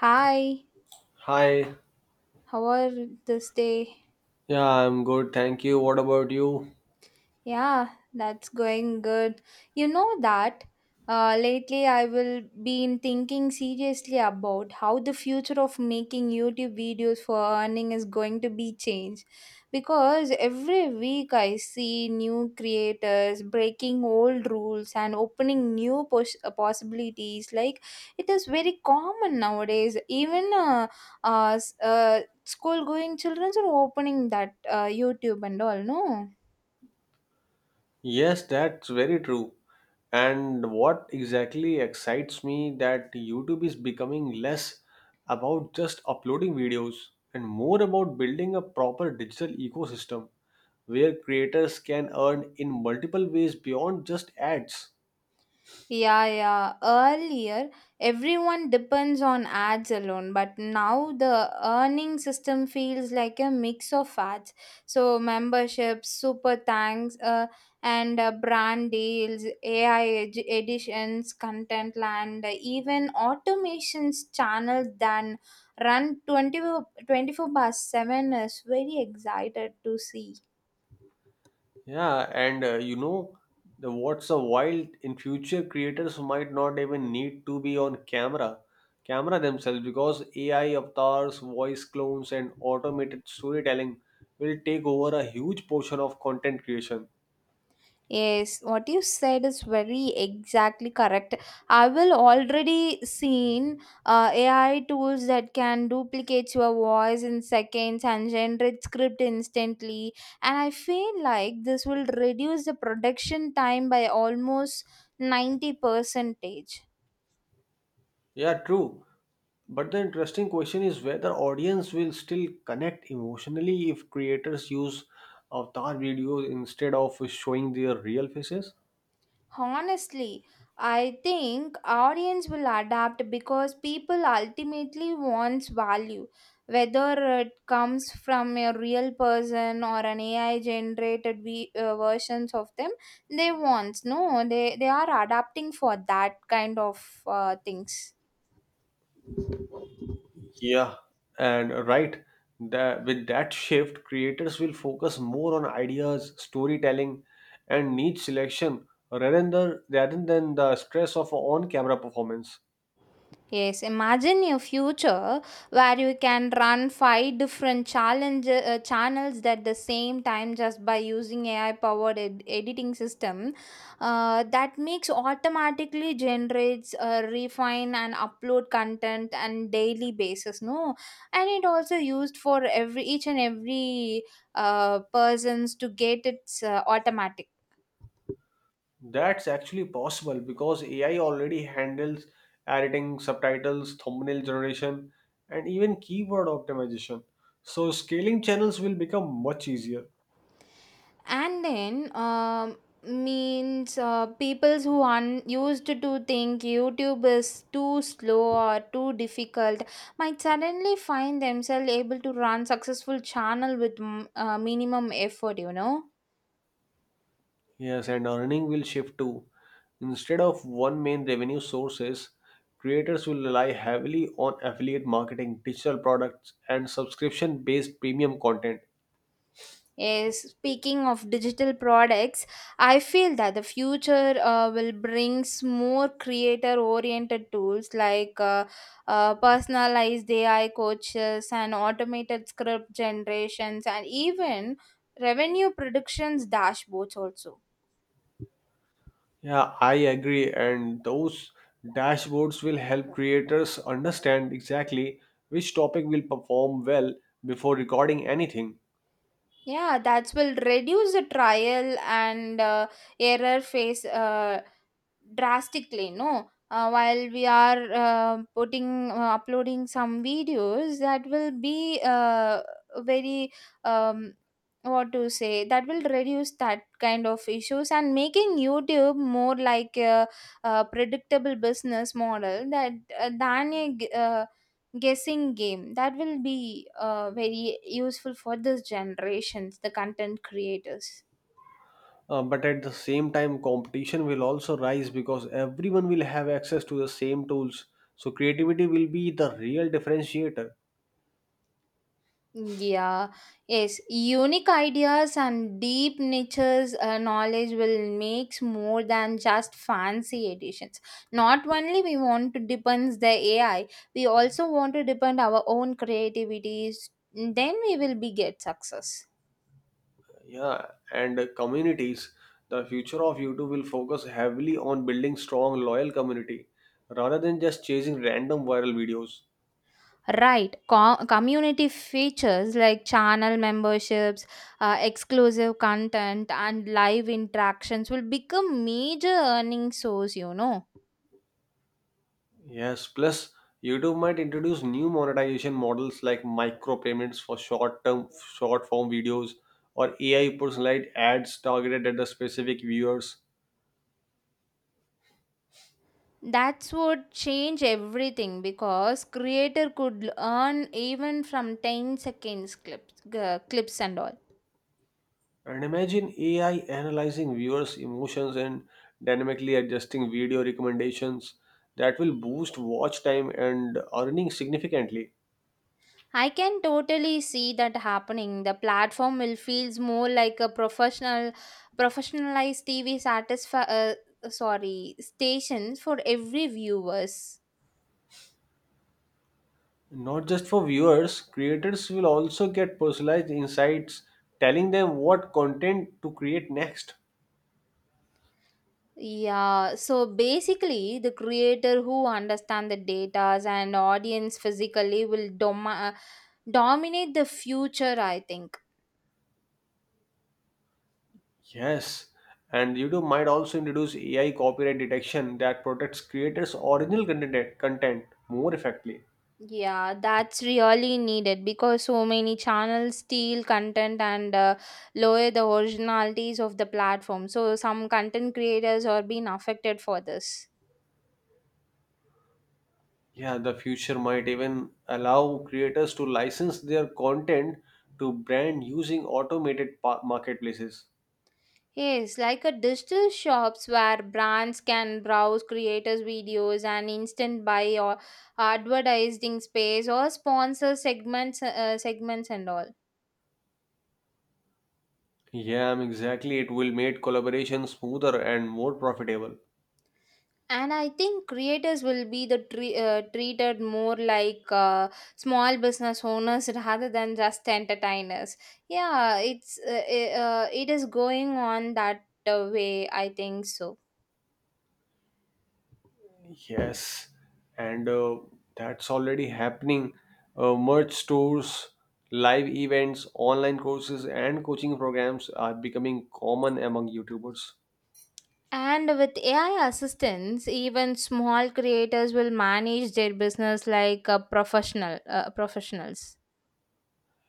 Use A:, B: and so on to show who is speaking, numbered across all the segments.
A: Hi,
B: Hi,
A: how are this day?
B: yeah, I'm good, thank you. What about you?
A: Yeah, that's going good. You know that lately I will been thinking seriously about how the future of making YouTube videos for earning is going to be changed. Because every week I see new creators breaking old rules and opening new possibilities. Like it is very common nowadays. Even school going children are opening that YouTube and all. No.
B: Yes, that's very true. And what exactly excites me that YouTube is becoming less about just uploading videos and more about building a proper digital ecosystem where creators can earn in multiple ways beyond just ads.
A: Yeah, yeah. Earlier, everyone depends on ads alone, but now the earning system feels like a mix of ads. So, memberships, super thanks, and brand deals, AI editions, content land, even automations channels than run twenty four twenty four 24 by 7 is very excited to see.
B: Yeah, and the what's a wild in future creators might not even need to be on camera, camera themselves because AI avatars, voice clones, and automated storytelling will take over a huge portion of content creation.
A: Yes, what you said is very exactly correct. I will already seen AI tools that can duplicate your voice in seconds and generate script instantly. And I feel like this will reduce the production time by almost 90 percentage.
B: Yeah, true. But the interesting question is whether audience will still connect emotionally if creators use avatar videos instead of showing their real faces.
A: Honestly, I think audience will adapt because people ultimately wants value, whether it comes from a real person or an AI generated versions of them. They want no, they are adapting for that kind of things.
B: Yeah, and right. That with that shift, creators will focus more on ideas, storytelling, and niche selection rather than the stress of on-camera performance.
A: Yes, imagine your future where you can run five different challenge channels at the same time just by using AI powered editing system that makes automatically generates, refine and upload content on daily basis. No, and it also used for every each and every persons to get its automatic.
B: That's actually possible because AI already handles editing, subtitles, thumbnail generation, and even keyword optimization. So scaling channels will become much easier.
A: And then means peoples who used to think youtube is too slow or too difficult might suddenly find themselves able to run successful channel with minimum effort, you know.
B: Yes, and earning will shift too. Instead of one main revenue sources, creators will rely heavily on affiliate marketing, digital products, and subscription-based premium content.
A: Yes, speaking of digital products, I feel that the future will bring more creator-oriented tools like personalized AI coaches and automated script generations and even revenue predictions dashboards also.
B: Yeah, I agree. And those dashboards will help creators understand exactly which topic will perform well before recording anything.
A: Yeah, that will reduce the trial and error phase drastically. No, while we are putting uploading some videos, that will be very um, what to say that will reduce that kind of issues and making YouTube more like a predictable business model that than a guessing game that will be very useful for this generations the content creators.
B: But at the same time, competition will also rise because everyone will have access to the same tools. So, creativity will be the real differentiator.
A: Yeah, yes, unique ideas and deep niches knowledge will makes more than just fancy editions. Not only we want to depend the AI, we also want to depend our own creativities, then we will be get success.
B: Yeah, and communities. The future of YouTube will focus heavily on building strong, loyal community rather than just chasing random viral videos.
A: Right. Community features like channel memberships, exclusive content, and live interactions will become major earning source, you know.
B: Yes, plus YouTube might introduce new monetization models like micropayments for short-form videos or AI personalized ads targeted at the specific viewers.
A: That's what change everything because creator could earn even from 10 seconds clips, clips and all.
B: And imagine AI analyzing viewers' emotions and dynamically adjusting video recommendations that will boost watch time and earning significantly.
A: I can totally see that happening. The platform will feels more like professionalized TV satisfi- sorry stations for every viewers.
B: Not just for viewers, creators will also get personalized insights telling them what content to create next.
A: Yeah, so basically, the creator who understand the data and audience physically will dominate the future. I think.
B: Yes, and YouTube might also introduce AI copyright detection that protects creators' original content more effectively.
A: Yeah, that's really needed because so many channels steal content and lower the originalities of the platform. So some content creators are being affected for this.
B: Yeah, the future might even allow creators to license their content to brand using automated marketplaces.
A: Yes, like a digital shops where brands can browse creators' videos and instant buy or advertising space or sponsor segments, segments and all.
B: Yeah, exactly. It will make collaboration smoother and more profitable.
A: And I think creators will be the treated more like small business owners rather than just entertainers. Yeah, it's it is going on that way, I think so.
B: Yes, and that's already happening. Merch stores, live events, online courses, and coaching programs are becoming common among YouTubers.
A: And with AI assistance even small creators will manage their business like professionals.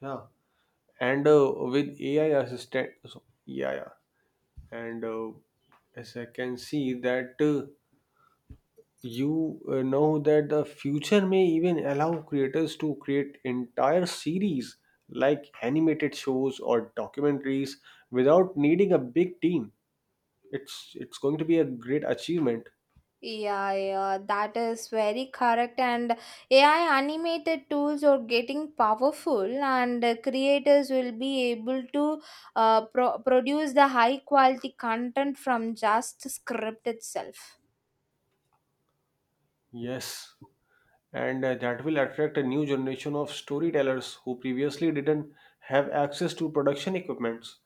B: Yeah, and with AI assistant, so, yeah, yeah. and As I can see that you know that the future may even allow creators to create entire series like animated shows or documentaries without needing a big team. It's going to be a great achievement.
A: Yeah, yeah, that is very correct. And AI animated tools are getting powerful, and creators will be able to produce the high quality content from just script itself.
B: Yes, and that will attract a new generation of storytellers who previously didn't have access to production equipments.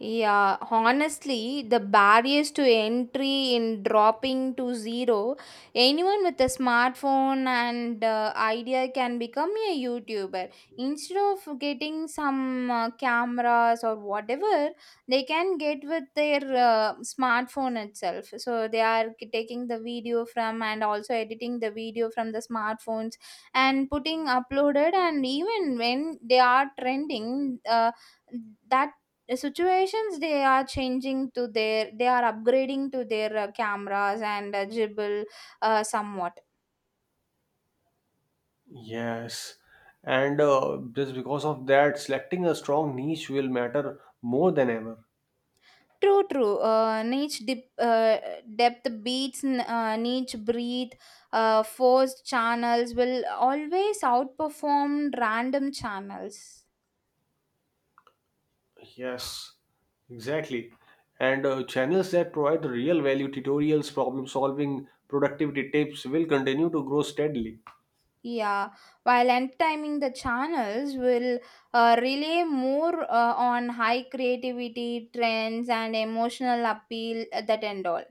A: Yeah, honestly, the barriers to entry in dropping to zero, anyone with a smartphone and idea can become a YouTuber. Instead of getting some cameras or whatever, they can get with their smartphone itself. So they are taking the video from and also editing the video from the smartphones and putting uploaded and even when they are trending, that the situations they are changing to their they are upgrading to their cameras and dribble somewhat.
B: Yes, and just because of that, selecting a strong niche will matter more than ever.
A: True, true, niche depth beats niche breathe. Forced channels will always outperform random channels.
B: Yes, exactly. And channels that provide real value, tutorials, problem solving, productivity tips will continue to grow steadily.
A: Yeah, while entertaining the channels will rely more on high creativity trends and emotional appeal that end all.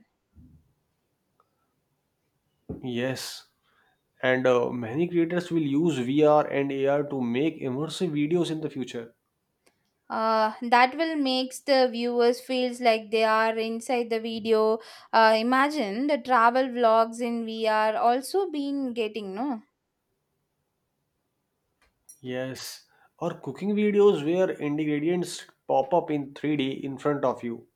B: Yes, and many creators will use VR and AR to make immersive videos in the future.
A: That will makes the viewers feels like they are inside the video. Imagine the travel vlogs in VR also been getting, no?
B: Yes, or cooking videos where ingredients pop up in 3D in front of you.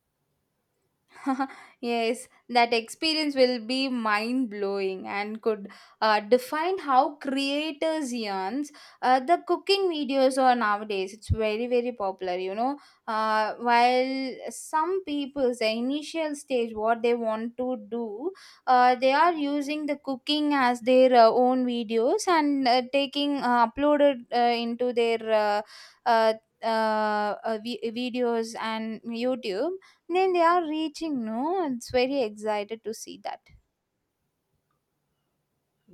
A: Yes, that experience will be mind blowing and could define how creators yarns. The cooking videos are nowadays it's very very popular. You know, while some people's the initial stage what they want to do, they are using the cooking as their own videos and taking uploaded into their. Uh, uh, Videos and YouTube then they are reaching, no? It's very excited to see that.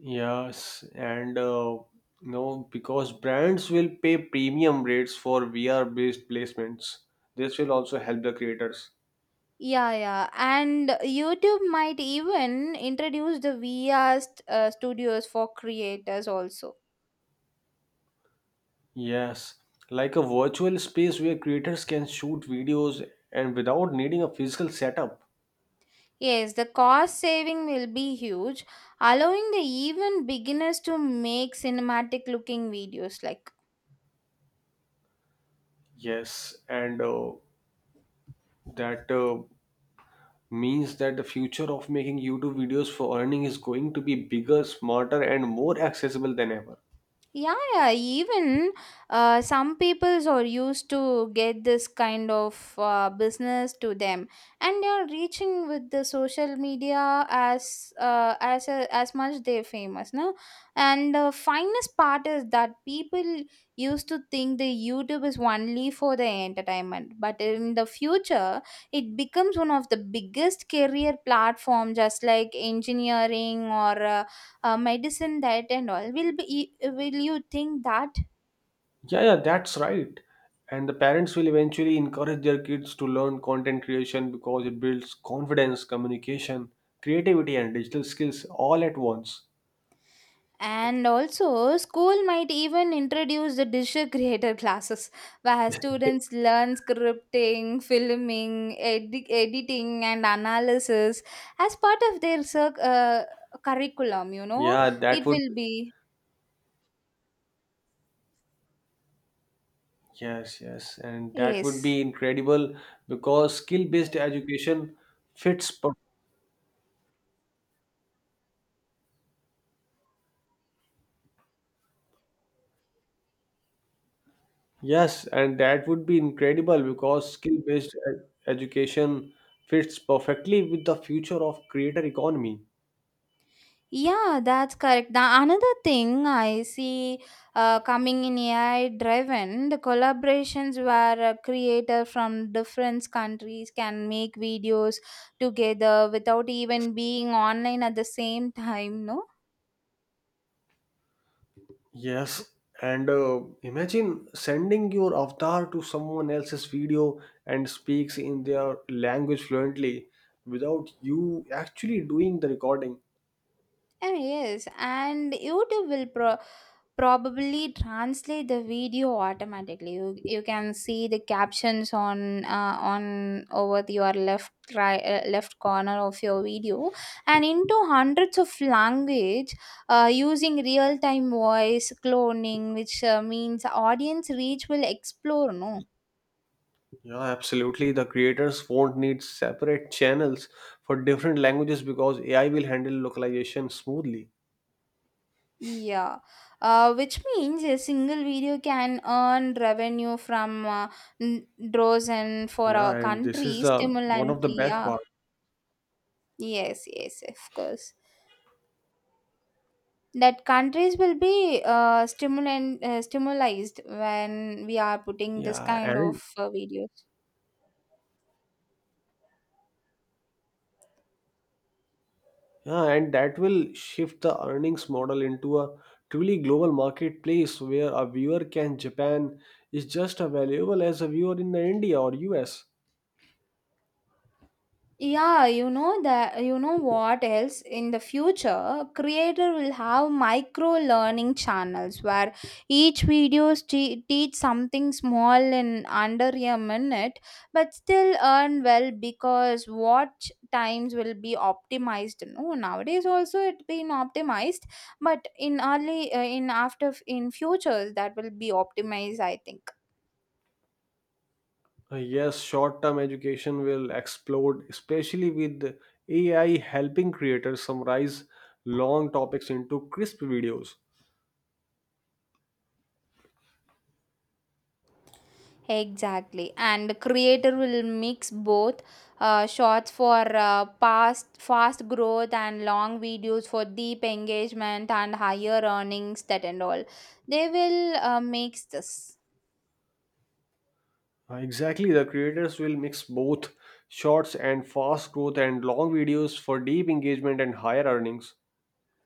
B: Yes, and because brands will pay premium rates for VR-based placements, this will also help the creators.
A: Yeah, yeah. And YouTube might even introduce the VR studios for creators also.
B: Yes, like a virtual space where creators can shoot videos and without needing a physical setup.
A: Yes, the cost saving will be huge, allowing the even beginners to make cinematic looking videos like.
B: Yes, and that means that the future of making YouTube videos for earning is going to be bigger, smarter, and more accessible than ever.
A: Yeah, yeah. Even some peoples are used to get this kind of business to them, and they are reaching with the social media as as much they're famous, no. And the finest part is that people used to think the YouTube is only for the entertainment, but in the future, it becomes one of the biggest career platform, just like engineering or. Medicine that and all will be will you think that
B: Yeah, yeah, that's right. And the parents will eventually encourage their kids to learn content creation because it builds confidence, communication, creativity, and digital skills all at once.
A: and also school might even introduce the digital creator classes where students learn scripting filming editing and analysis as part of their curriculum, you know.
B: Yeah, that
A: It
B: would,
A: will be,
B: yes, yes. And that would be
A: yes.
B: incredible because skill-based education fits. Per- Yes, and that would be incredible because skill-based e- education fits perfectly with the future of creator economy.
A: Yeah, that's correct. The another thing I see coming in AI driven, the collaborations where a creator from different countries can make videos together without even being online at the same time, no?
B: Yes, and imagine sending your avatar to someone else's video and speaks in their language fluently without you actually doing the recording.
A: Ah, yes, and YouTube will probably translate the video automatically. You can see the captions on over your left corner of your video, and into hundreds of language using real time voice cloning, which means audience reach will explore. No.
B: Yeah, absolutely. The creators won't need separate channels for different languages because AI will handle localization smoothly.
A: Yeah, which means a single video can earn revenue from draws and for
B: Yeah,
A: a
B: and this is
A: country
B: the one
A: stimulantly.
B: of the best
A: Yeah,
B: part.
A: yes, yes, of course. That countries will be stimulant stimulized when we are putting this
B: Yeah,
A: kind
B: and
A: of videos.
B: Yeah, and that will shift the earnings model into a truly global marketplace where a viewer can Japan is just as valuable as a viewer in the India or US.
A: Yeah, you know that, you know what else in the future creator will have micro learning channels where each videos teach something small in under a minute but still earn well because watch times will be optimized, no, nowadays also it been optimized but in early in futures that will be optimized, I think.
B: Yes, short-term education will explode, especially with AI helping creators summarize long topics into crisp videos.
A: Exactly, and the creator will mix both shots for past fast growth and long videos for deep engagement and higher earnings. That and all, they will mix this.
B: Exactly, the creators will mix both shorts and fast growth and long videos for deep engagement and higher earnings.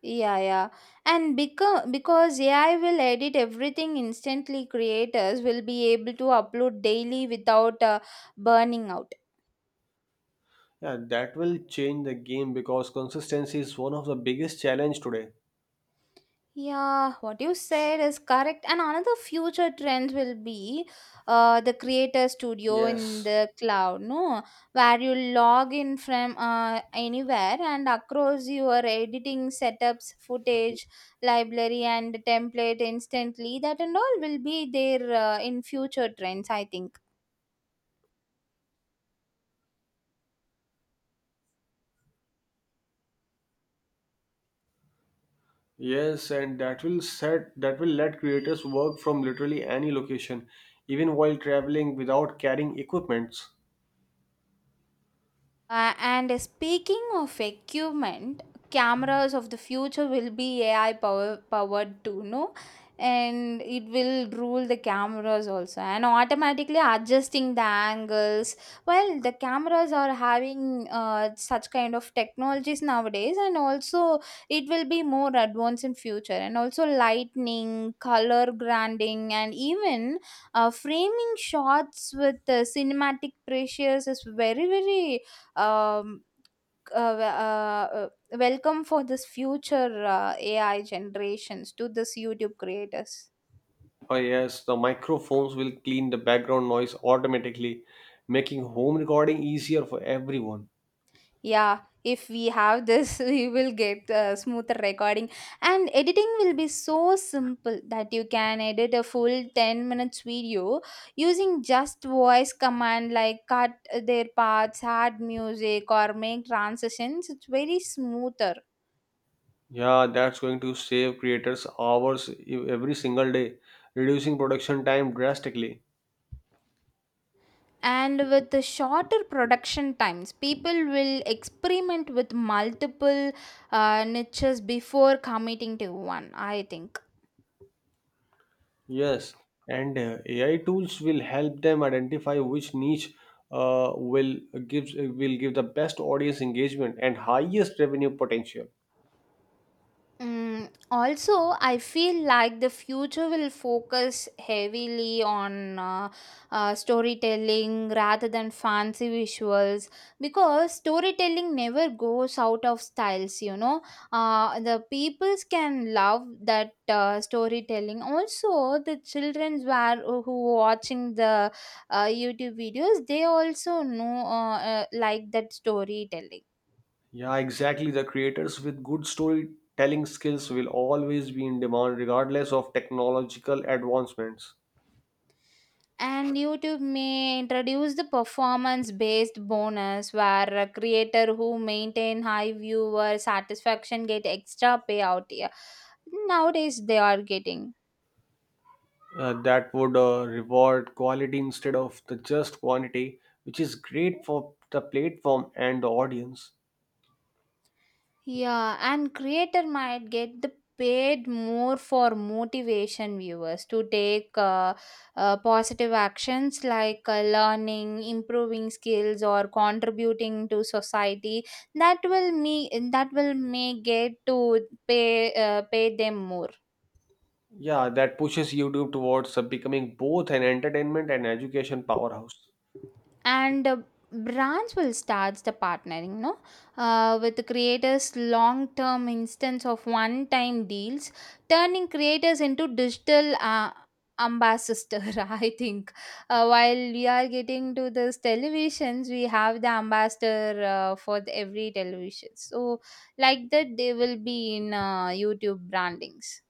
A: Yeah, yeah, and because AI will edit everything instantly, creators will be able to upload daily without burning out.
B: Yeah, that will change the game because consistency is one of the biggest challenge today.
A: Yeah, what you said is correct. And another future trend will be the creator studio in
B: Yes.
A: the cloud, no, where you log in from anywhere and across your editing setups, footage, library, and template instantly. That and all will be there in future trends, I think.
B: Yes, and that will let creators work from literally any location, even while traveling without carrying equipments.
A: And speaking of equipment, cameras of the future will be AI power powered too, no? And it will rule the cameras also and automatically adjusting the angles. Well, the cameras are having such kind of technologies nowadays, and also it will be more advanced in future. And also lightning, color grading, and even framing shots with cinematic pressures is very very um, uh, w- uh, uh, welcome for this future AI generations to this YouTube creators.
B: Oh yes, the microphones will clean the background noise automatically, making home recording easier for everyone.
A: Yeah, if we have this, we will get smoother recording, and editing will be so simple that you can edit a full 10 minutes video using just voice command like cut their parts, add music, or make transitions. It's very smoother.
B: Yeah, that's going to save creators hours every single day, reducing production time drastically.
A: And with the shorter production times people will experiment with multiple niches before committing to one, I think.
B: Yes, and AI tools will help them identify which niche uh, will will give the best audience engagement and highest revenue potential.
A: Mm, also, I feel like the future will focus heavily on storytelling rather than fancy visuals because storytelling never goes out of styles, you know. The peoples can love that storytelling. Also, the children were, who watching the YouTube videos, they also know like that storytelling.
B: Yeah, exactly. The creators with good storytelling skills will always be in demand regardless of technological advancements.
A: And YouTube may introduce the performance based bonus where a creator who maintain high viewer satisfaction get extra payout. Yeah, nowadays they are getting.
B: That would reward quality instead of the just quantity, which is great for the platform and the audience.
A: Yeah, and creator might get the paid more for motivation viewers to take positive actions like learning, improving skills, or contributing to society. That will me that will may get to pay pay them more.
B: Yeah, that pushes YouTube towards becoming both an entertainment and education powerhouse.
A: And Brands will start the partnering, no, with the creators long term instance of one time deals, turning creators into digital ambassador. I think while we are getting to those televisions we have the ambassador for the every television, so like that they will be in YouTube brandings.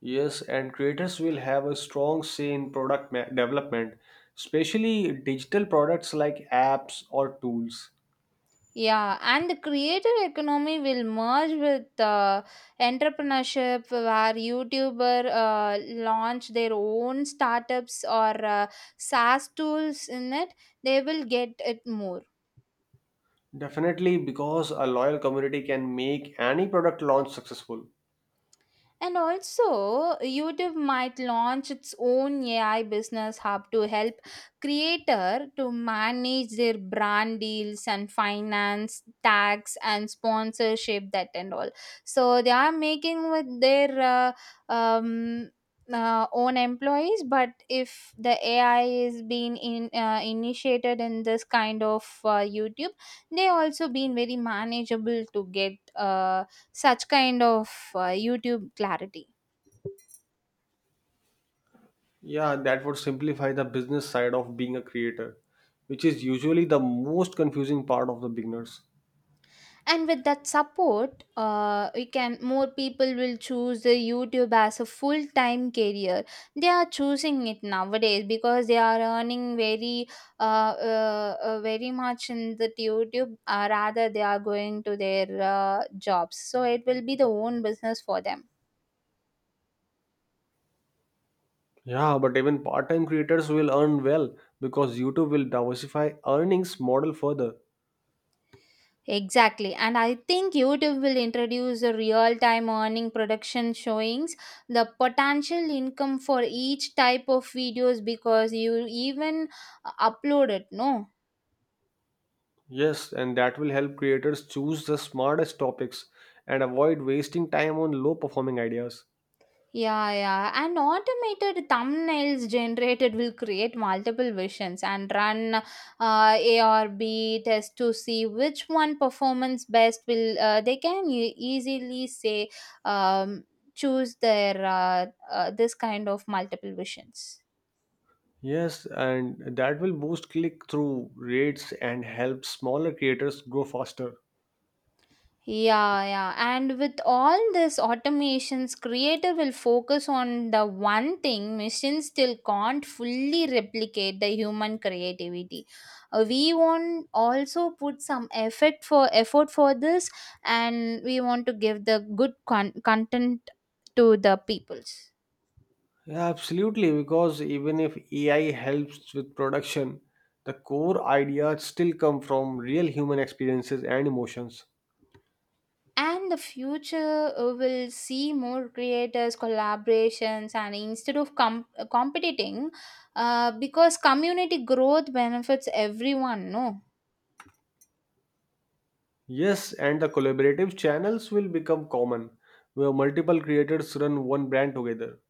B: Yes, and creators will have a strong say in product development, especially digital products like apps or tools.
A: Yeah, and the creator economy will merge with entrepreneurship where YouTuber launch their own startups or SaaS tools in it. They will get it more.
B: Definitely, because a loyal community can make any product launch successful.
A: And also, YouTube might launch its own AI business hub to help creator to manage their brand deals and finance, tax and sponsorship that and all. So they are making with their uh, um, own employees, but if the AI is being in, initiated in this kind of YouTube, they also been very manageable to get. Such kind of YouTube clarity.
B: Yeah, that would simplify the business side of being a creator, which is usually the most confusing part of the beginners.
A: And with that support we can, more people will choose the YouTube as a full time career. They are choosing it nowadays because they are earning very very much in the YouTube, rather they are going to their jobs, so it will be the own business for them.
B: Yeah, but even part-time creators will earn well because YouTube will diversify earnings model further.
A: Exactly. And I think YouTube will introduce a real time earning production showings, the potential income for each type of videos because you even upload it, no?
B: Yes, and that will help creators choose the smartest topics and avoid wasting time on low-performing ideas.
A: Yeah, yeah. And automated thumbnails generated will create multiple versions and run A or B test to see which one performance best will, they can easily say, um, choose their this kind of multiple visions.
B: Yes, and that will boost click-through rates and help smaller creators grow faster.
A: Yeah, yeah. And with all this automations, creator will focus on the one thing machines still can't fully replicate, the human creativity. We want also put some effort for effort for this, and we want to give the good content to the peoples.
B: Yeah, absolutely, because even if AI helps with production, the core ideas still come from real human experiences and emotions.
A: And the future will see more creators collaborations and instead of competing because community growth benefits everyone, no.
B: Yes, and the collaborative channels will become common, where multiple creators run one brand together.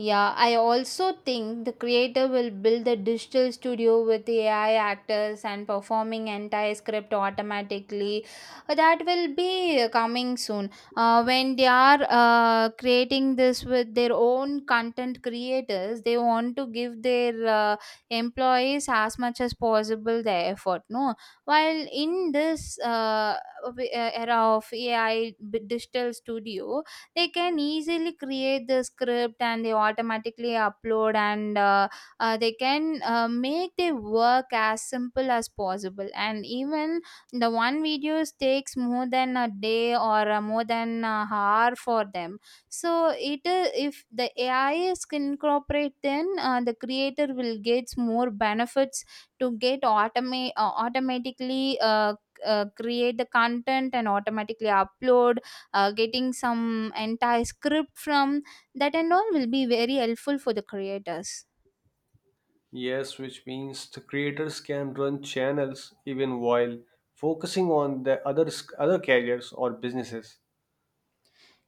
A: Yeah, I also think the creator will build a digital studio with AI actors and performing entire script automatically. That will be coming soon. When they are creating this with their own content creators, they want to give their employees as much as possible the effort. No, while in this era of AI digital studio, they can easily create the script and they automatically upload, and they can make their work as simple as possible, and even the one videos takes more than a day or more than a hour for them, so it is, if the AI is incorporate then the creator will get more benefits to get automate automatically create the content and automatically upload, getting some entire script from that and all will be very helpful for the creators.
B: Yes, which means the creators can run channels even while focusing on the other careers or businesses.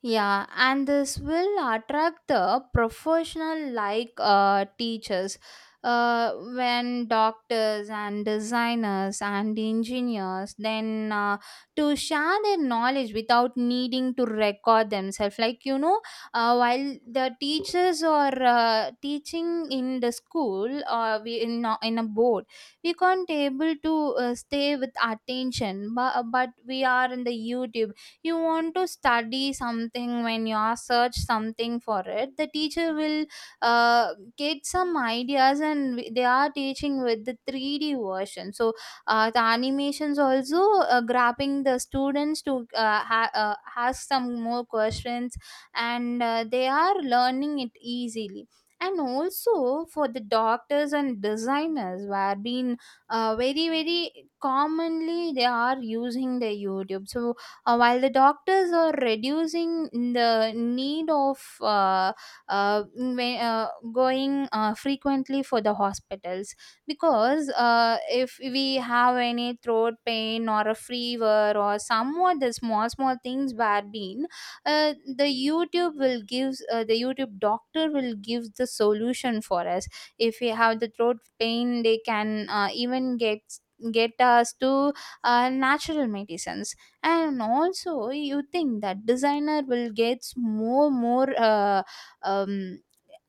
A: Yeah, and this will attract the professional like teachers. When doctors and designers and engineers, then to share their knowledge without needing to record themselves, like you know, while the teachers are teaching in the school or we in, in a board, we can't able to stay with attention, but we are in the YouTube, you want to study something, when you are search something for it, the teacher will get some ideas and they are teaching with the 3D version, so the animations also grabbing the students to ask some more questions, and they are learning it easily. And also for the doctors and designers were been very very commonly they are using the YouTube, so while the doctors are reducing the need of going frequently for the hospitals, because if we have any throat pain or a fever or somewhat the small small things bad been, the YouTube will give, the YouTube doctor will give the solution for us. If we have the throat pain they can even get us to natural medicines. And also you think that designer will get more more um,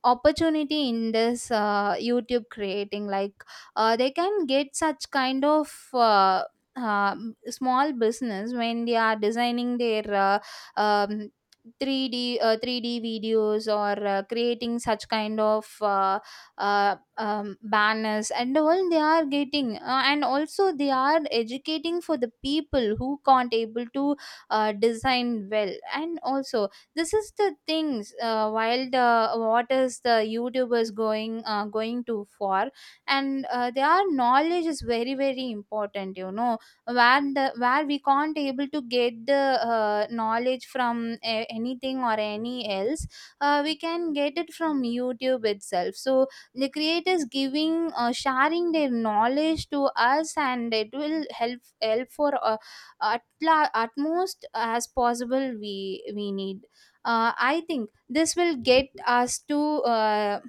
A: opportunity in this YouTube creating, like they can get such kind of uh, small business when they are designing their um, 3D 3D videos or creating such kind of banners and all they are getting, and also they are educating for the people who can't able to design well. And also this is the things, while the, what is the YouTubers going going to for, and their knowledge is very very important, you know, where the, where we can't able to get the knowledge from anything or any else, we can get it from YouTube itself, so the creators giving, sharing their knowledge to us, and it will help help for at, at most as possible we need. Uh, I think this will get us to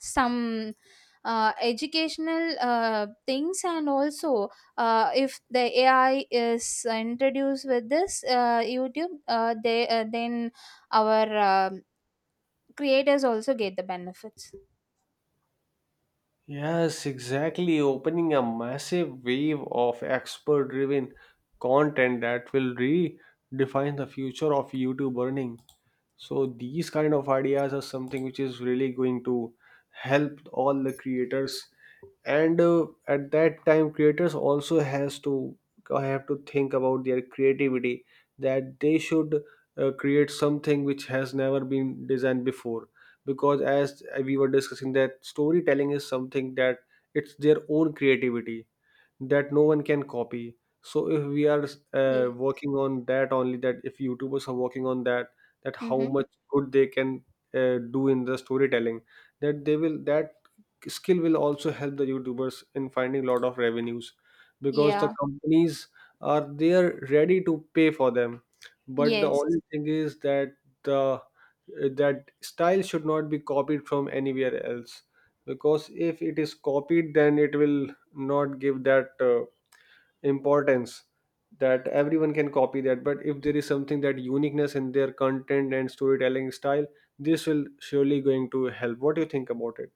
A: some educational things, and also if the AI is introduced with this YouTube, they then our creators also get the benefits.
B: Yes, exactly, opening a massive wave of expert-driven content that will redefine the future of YouTube earning. So these kind of ideas are something which is really going to help all the creators, and at that time creators also has to have to think about their creativity, that they should create something which has never been designed before, because as we were discussing that storytelling is something that it's their own creativity that no one can copy. So if we are
A: Yes.
B: working on that only, that if youtubers are working on that, that how
A: Mm-hmm.
B: much good they can do in the storytelling, that they will, that skill will also help the youtubers in finding lot of revenues because the
A: Yeah.
B: companies are there ready to pay for them. But the
A: Yes.
B: only thing is that the that style should not be copied from anywhere else, because if it is copied, then it will not give that importance, that everyone can copy that. But if there is something, that uniqueness in their content and storytelling style, this will surely going to help. What do you think about it?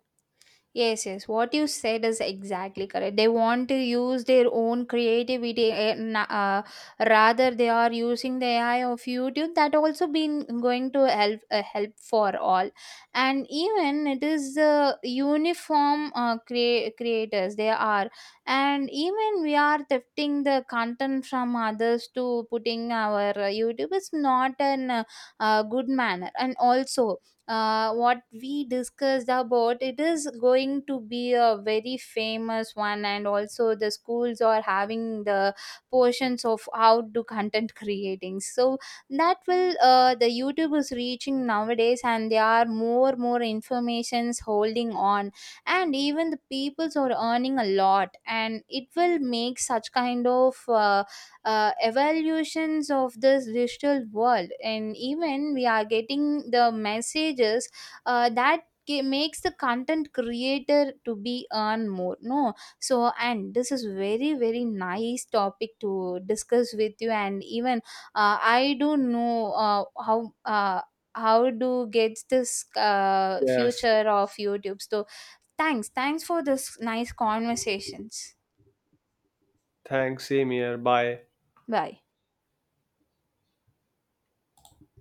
A: Yes, yes. What you said is exactly correct. They want to use their own creativity, rather they are using the AI of YouTube. That also been going to help, help for all, and even it is the uniform creators they are, and even we are thrifting the content from others to putting our YouTube. Is not an good manner. And also what we discussed about it is going to be a very famous one, and also the schools are having the portions of how to content creating, so that will, the YouTube is reaching nowadays, and there are more more informations holding on, and even the peoples are earning a lot, and it will make such kind of evaluations of this digital world. And even we are getting the messages that makes the content creator to be earn more, no. So, and this is very very nice topic to discuss with you. And even I do not know how do get this
B: Yes,
A: future of YouTube, so thanks, thanks for this nice conversations.
B: thanks, same here, bye.
A: Bye.